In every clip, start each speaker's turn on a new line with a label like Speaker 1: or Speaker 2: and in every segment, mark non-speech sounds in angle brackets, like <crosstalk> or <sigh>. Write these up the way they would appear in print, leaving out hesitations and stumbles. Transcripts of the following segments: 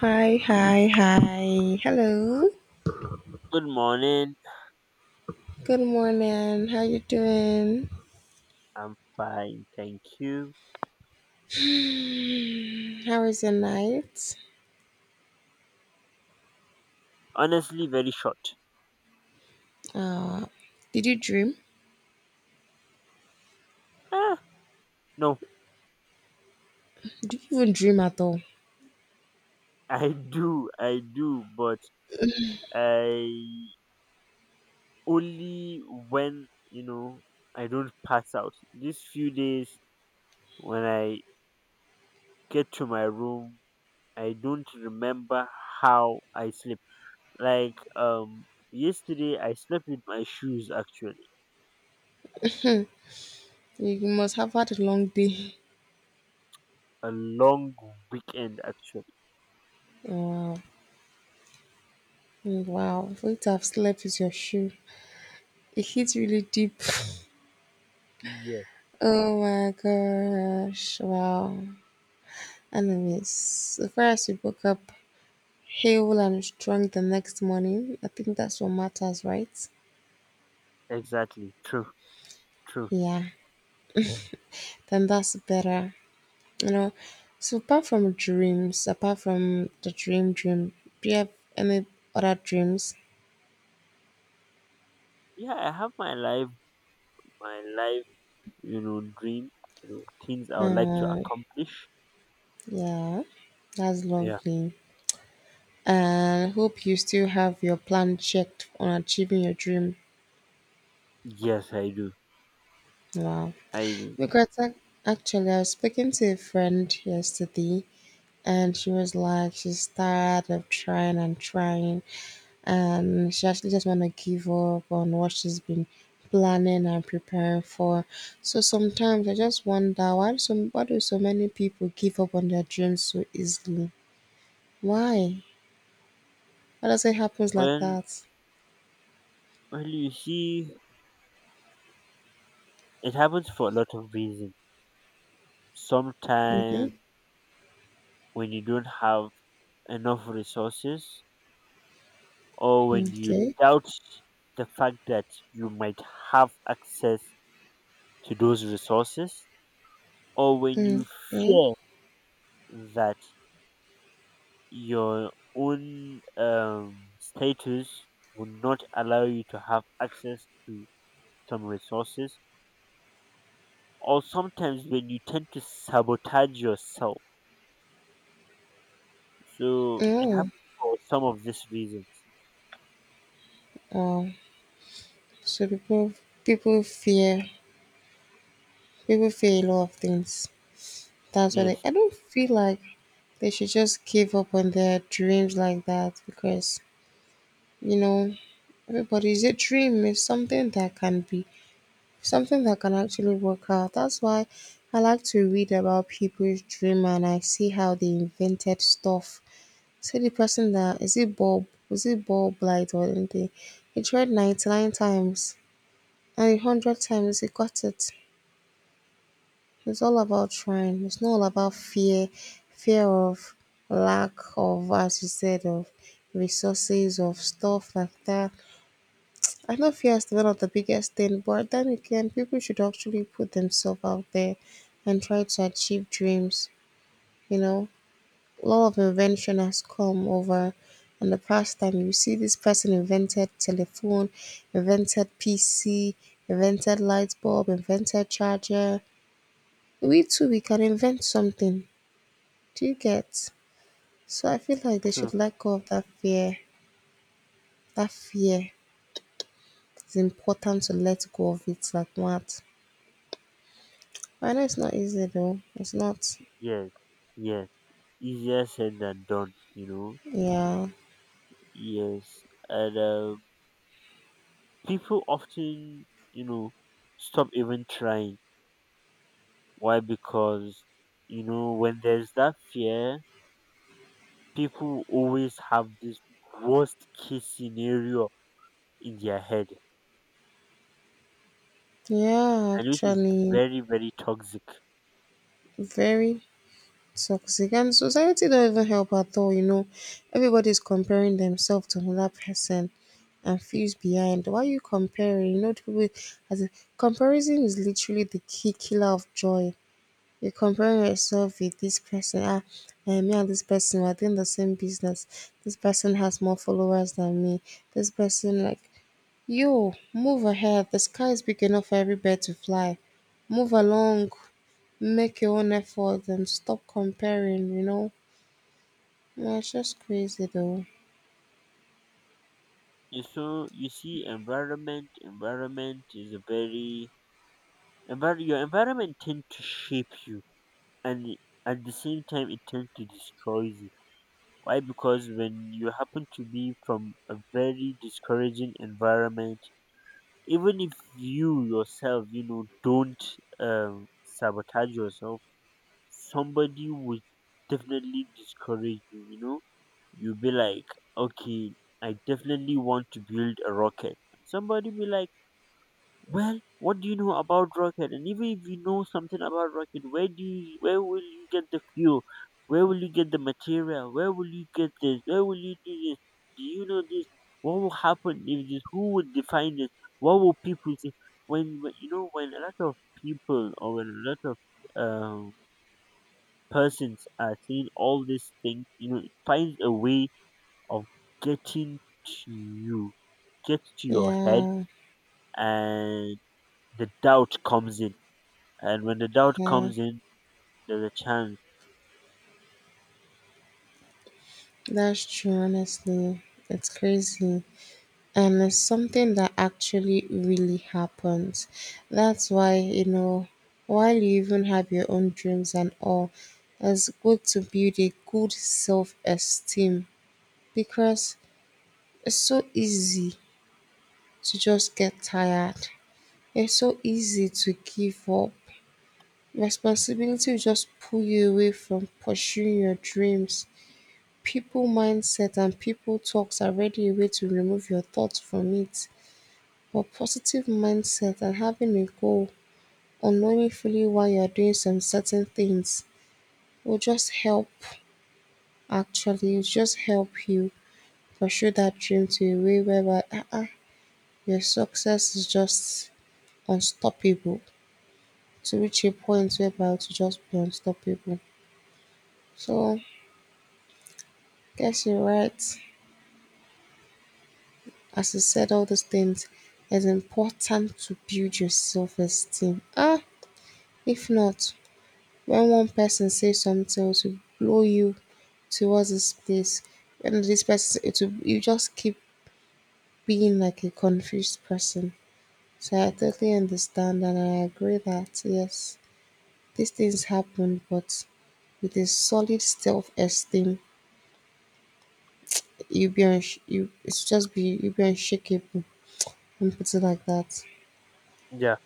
Speaker 1: Hi, hi, hi. Hello.
Speaker 2: Good morning.
Speaker 1: Good morning. How you doing?
Speaker 2: I'm fine, thank you.
Speaker 1: How was your night?
Speaker 2: Honestly, very short.
Speaker 1: Did you dream?
Speaker 2: Ah, no,
Speaker 1: Did you even dream at all?
Speaker 2: <laughs> I do, but I only when I don't pass out. These few days when I get to my room, I don't remember how I sleep. Like um, Yesterday I slept with my shoes actually.
Speaker 1: You must have had a long day.
Speaker 2: A long weekend actually.
Speaker 1: Wow. Wow. For you to have slept is your shoe. It hits really deep. <laughs>
Speaker 2: Yeah,
Speaker 1: Oh my gosh. Wow. Anyways, the first we woke up hale and strong the next morning. I think that's what matters, right?
Speaker 2: exactly. True, true.
Speaker 1: Yeah. Then that's better. You know, so apart from dreams, apart from the dream dream, do you have any other dreams?
Speaker 2: Yeah, I have my life, dream, things I would like to
Speaker 1: Uh,
Speaker 2: accomplish.
Speaker 1: yeah, that's
Speaker 2: Yeah.
Speaker 1: lovely. And hope you still have your plan checked on achieving your dream.
Speaker 2: Yes, I do.
Speaker 1: Wow.
Speaker 2: I do.
Speaker 1: Because actually, I was speaking to a friend yesterday, and she was like, she's tired of trying and trying. She actually just want to give up on what she's been planning and preparing for. So sometimes I just wonder, why do so many people give up on their dreams so easily? Why? Why does it happen like
Speaker 2: Well,
Speaker 1: that?
Speaker 2: well, you see, it happens for a lot of reasons.
Speaker 1: Mm-hmm.
Speaker 2: Sometimes when you don't have enough resources, or when you
Speaker 1: Okay.
Speaker 2: doubt the fact that you might have access to those resources, or when
Speaker 1: Hmm.
Speaker 2: you fear that your own status would not allow you to have access to some resources, or sometimes when you tend to sabotage yourself. So it
Speaker 1: Oh.
Speaker 2: happens for some of these reasons.
Speaker 1: Oh. So people fear people fear a lot of things. That's why
Speaker 2: Yes,
Speaker 1: I don't feel like they should just give up on their dreams like that because you know Everybody's a dream is something that can actually work out. That's why I like to read about people's dream and I see how they invented stuff. See the person, that is it Bob? Was it Bob Light or anything? He tried 99 times and 100 times he got it. It's all about trying. It's not all about fear, fear of lack of, as you said, of resources, of stuff like that. I know fear is one of the biggest thing, but then again, people should actually put themselves out there and try to achieve dreams. You know, a lot of invention has come over in the past time. You see, this person invented telephone, invented PC, invented light bulb, invented charger. We too, we can invent something. Do you get? So I feel like they
Speaker 2: true.
Speaker 1: should let go of that fear. That fear. It's important to let go of it like that. I know it's not easy though. It's not.
Speaker 2: Yes, yes, easier said than done.
Speaker 1: Yeah.
Speaker 2: Yes, and people often, you know stop even trying. Why? Because you know, when there's that fear, people always have this worst case scenario in their head,
Speaker 1: Yeah,
Speaker 2: and which is
Speaker 1: actually,
Speaker 2: very, very toxic.
Speaker 1: very toxic. And society don't even help at all. Everybody's comparing themselves to another person and feels behind. Why are you comparing? You know, the people as a comparison is literally the key killer of joy. You're comparing yourself with this person. Me and this person are doing the same business. This person has more followers than me. This person like, yo, move ahead, the sky is big enough for every bird to fly. Move along, make your own effort and stop comparing, you know? Yeah, it's just crazy though.
Speaker 2: You so you see, environment is a very your environment tend to shape you, and at the same time it tends to destroy you. Why? Because when you happen to be from a very discouraging environment, even if you yourself, you know, don't sabotage yourself, somebody would definitely discourage you, you know. You'll be like, okay, I definitely want to build a rocket. Somebody be like, well, what do you know about rocket? And even if you know something about rocket, where do you where will you get the fuel, where will you get the material, where will you get this, where will you do this, do you know this, what will happen if this, who would define this, what will people say? When you know, when a lot of people, or when a lot of persons are saying all these things, you know, it finds a way of getting to you, gets to your head,
Speaker 1: Yeah,
Speaker 2: and the doubt comes in. And when the doubt
Speaker 1: yeah,
Speaker 2: comes in, there's a chance.
Speaker 1: that's true, honestly. It's crazy. And it's something that actually really happens. That's why, while you even have your own dreams and all, it's good to build a good self esteem because it's so easy to just get tired. It's so easy to give up. Responsibility will just pull you away from pursuing your dreams. People mindset and people talks are really a way to remove your thoughts from it. But positive mindset and having a goal or knowing fully why you're doing some certain things will just help, actually, it'll just help you pursue that dream to a way whereby your success is just unstoppable. To reach a point whereby to just be unstoppable. So guess you're right. As you said all those things, it's important to build your self-esteem. If not, when one person says something, it will blow you towards this place. When this person, it will, you just keep being like a confused person. So I totally understand and I agree that yes, these things happen, but with a solid self-esteem, you'll be you. It's just be you'll be unshakable. And put it like that.
Speaker 2: Yeah,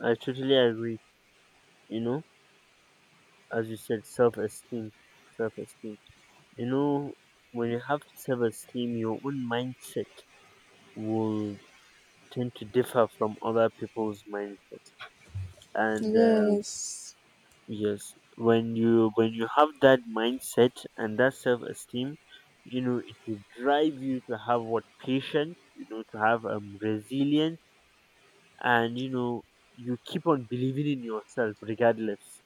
Speaker 2: I totally agree. You know, as you said, self esteem, self esteem. You know, when you have self esteem, your own mindset will tend to differ from other people's mindset. And
Speaker 1: Yes,
Speaker 2: Yes, when you have that mindset and that self-esteem, you know it will drive you to have what patience, you know, to have resilience, and you know you keep on believing in yourself regardless.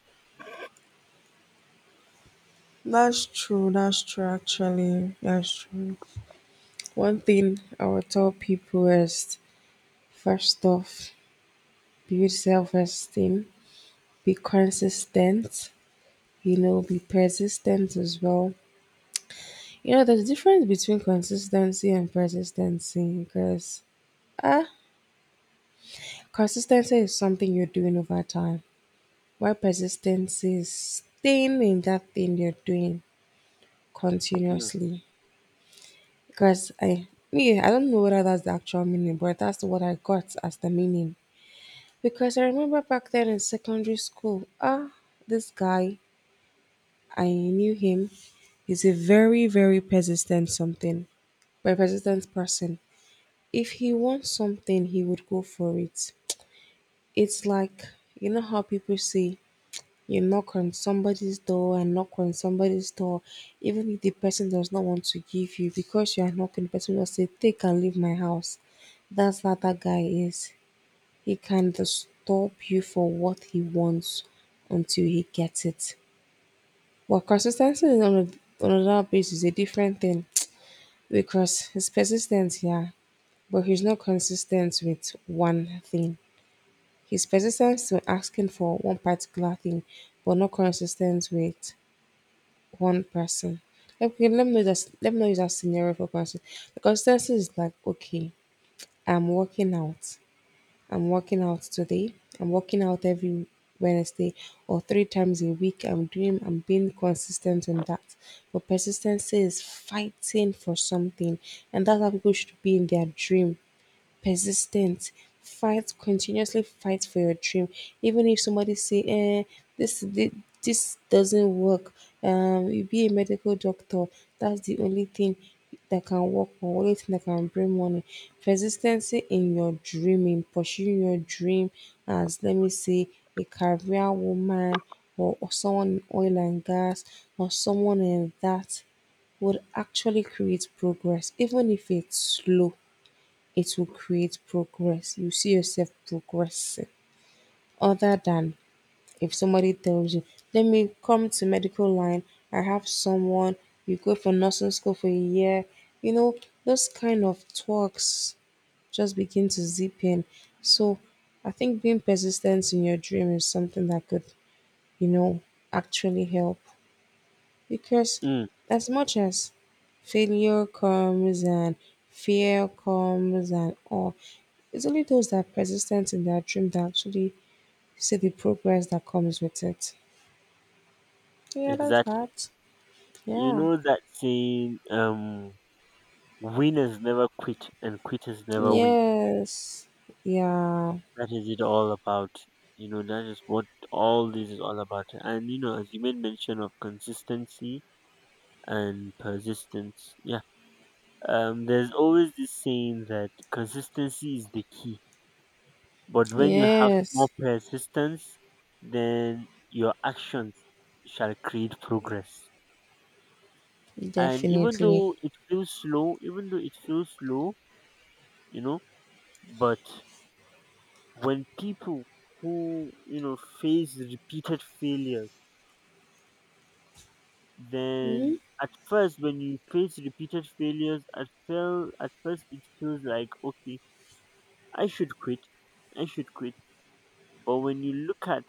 Speaker 1: that's true. That's true, actually. That's true. One thing I would tell people is first off, build self esteem, be consistent, be persistent as well. There's a difference between consistency and persistency because ah, consistency is something you're doing over time. Why persistence is staying in that thing you're doing
Speaker 2: Mm,
Speaker 1: continuously. Because I yeah, I don't know whether that's the actual meaning, but that's what I got as the meaning. Because I remember back then in secondary school, this guy, I knew him. He's a very, very persistent something, very persistent person. If he wants something, he would go for it. It's like, you know how people say, you knock on somebody's door and knock on somebody's door, even if the person does not want to give you, because you are knocking, the person will say, take and leave my house. That's how that guy is. He can just stop you for what he wants until he gets it. But consistency on another base is a different thing <tsk> because his persistence, yeah, but he's not consistent with one thing. He's persistent to asking for one particular thing, but not consistent with one person. Okay, let me know that. Let me know that scenario for person. The consistency is like, okay, I'm working out. I'm working out today. I'm working out every Wednesday or three times a week. I'm doing. I'm being consistent on that. But persistency is fighting for something, and that's how people should be in their dream, persistent, fight, continuously fight for your dream, even if somebody say, eh, this, this this doesn't work, you be a medical doctor, that's the only thing that can work or only thing that can bring money. Persistency in your dream in pursuing your dream, as let me say, a career woman, or someone in oil and gas or someone in that, would actually create progress even if it's slow. It will create progress. You see yourself progressing. Other than if somebody tells you, let me come to medical line, I have someone, you go for nursing school for a year, you know, those kind of talks just begin to zip in. So I think being persistent in your dream is something that could, you know, actually help. Because
Speaker 2: mm,
Speaker 1: as much as failure comes and fear comes and all, it's only those that are persistent in their dream that actually see the progress that comes with it. Yeah, that's
Speaker 2: exactly.
Speaker 1: that.
Speaker 2: You
Speaker 1: Yeah.
Speaker 2: know that saying, um, winners never quit and quitters never win.
Speaker 1: Yes. Yeah.
Speaker 2: That is it all about. You know, that is what all this is all about. And you know, as you made mention of consistency, and persistence. Yeah. There's always this saying that consistency is the key. But when you have small
Speaker 1: Yes.
Speaker 2: persistence, then your actions shall create progress. And even
Speaker 1: Definitely.
Speaker 2: though it feels slow, even though it feels slow, you know, but when people who, you know, face repeated failures,
Speaker 1: Hmm.
Speaker 2: then at first when you face repeated failures, at, feel, at first it feels like, okay, I should quit. I should quit. But when you look at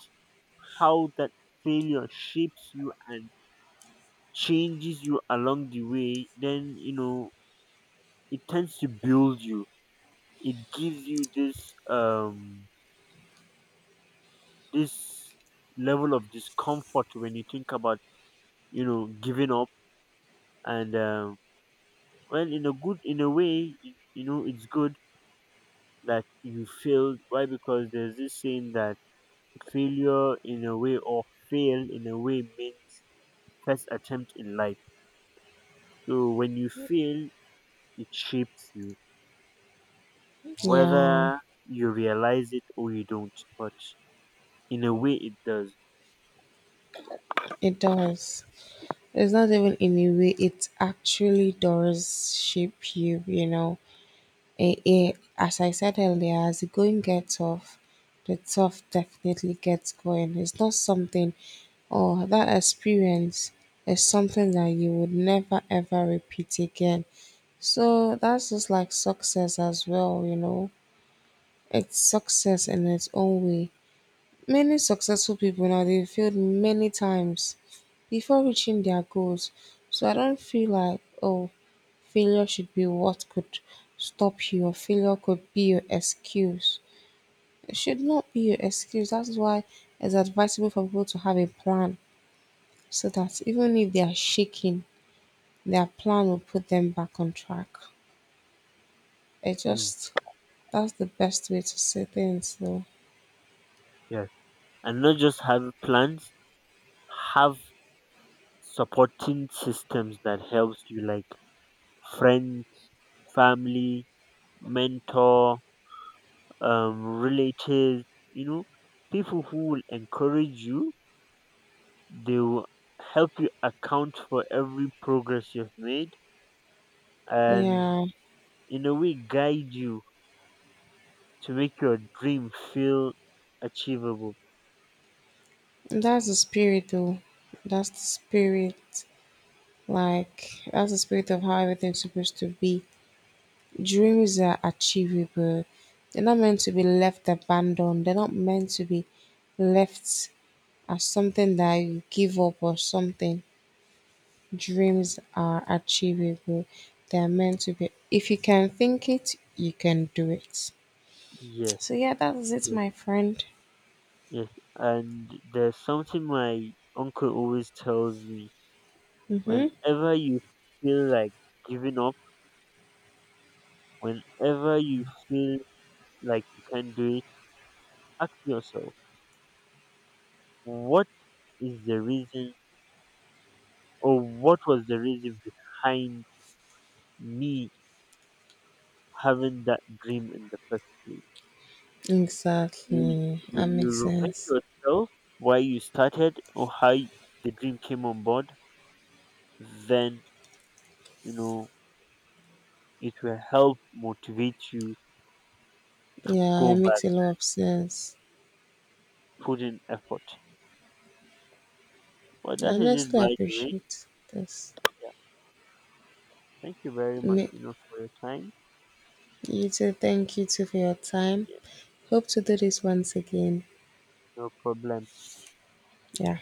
Speaker 2: how that failure shapes you and changes you along the way, then you know it tends to build you. It gives you this this level of discomfort when you think about, you know, giving up. And well in a good in a way you know it's good that you failed. Why? Because there's this saying that failure in a way, or fail in a way, means first attempt in life. So when you fail, it shapes you,
Speaker 1: Yeah,
Speaker 2: whether you realize it or you don't. But in a way, it does.
Speaker 1: it does. It's not even in a way, it actually does shape you, you know. As I said earlier, as the going gets off, the tough definitely gets going. It's not something, or that experience is something that you would never ever repeat again. So that's just like success as well. It's success in its own way. Many successful people now they failed many times before reaching their goals, so I don't feel like oh, failure should be what could stop you or failure could be your excuse. It should not be your excuse. That is why it's advisable for people to have a plan so that even if they are shaking, their plan will put them back on track. It
Speaker 2: Mm.
Speaker 1: just That's the best way to say things though.
Speaker 2: Yeah, and not just have plans, have supporting systems that helps you, like friends, family, mentor, relatives. You know, people who will encourage you. They will help you account for every progress you've made, and
Speaker 1: Yeah.
Speaker 2: in a way guide you to make your dream feel achievable.
Speaker 1: That's the spirit though. That's the spirit. Like that's the spirit of how everything's supposed to be. Dreams are achievable. They're not meant to be left abandoned. They're not meant to be left as something that you give up or something. Dreams are achievable. They are meant to be. If you can think it, you can do it.
Speaker 2: Yes,
Speaker 1: So yeah, that's it,
Speaker 2: yes,
Speaker 1: my friend.
Speaker 2: yes. And there's something my uncle always tells me, whenever you feel like giving up, whenever you feel like you can't do it, ask yourself, what is the reason, or what was the reason behind me having that dream in the first place? You
Speaker 1: Exactly. That
Speaker 2: when you
Speaker 1: makes
Speaker 2: remind
Speaker 1: sense.
Speaker 2: yourself why you started, or how the dream came on board, then you know it will help motivate you to
Speaker 1: Yeah,
Speaker 2: go
Speaker 1: it
Speaker 2: back
Speaker 1: makes a lot of
Speaker 2: and
Speaker 1: sense.
Speaker 2: put in effort. Well,
Speaker 1: I
Speaker 2: that is it,
Speaker 1: honestly
Speaker 2: by the way.
Speaker 1: appreciate this.
Speaker 2: Yeah, thank you very much.
Speaker 1: Ma-
Speaker 2: You know, for your time.
Speaker 1: You too. Thank you too for your time.
Speaker 2: Yeah,
Speaker 1: Hope to do this once again.
Speaker 2: no problem.
Speaker 1: Yeah.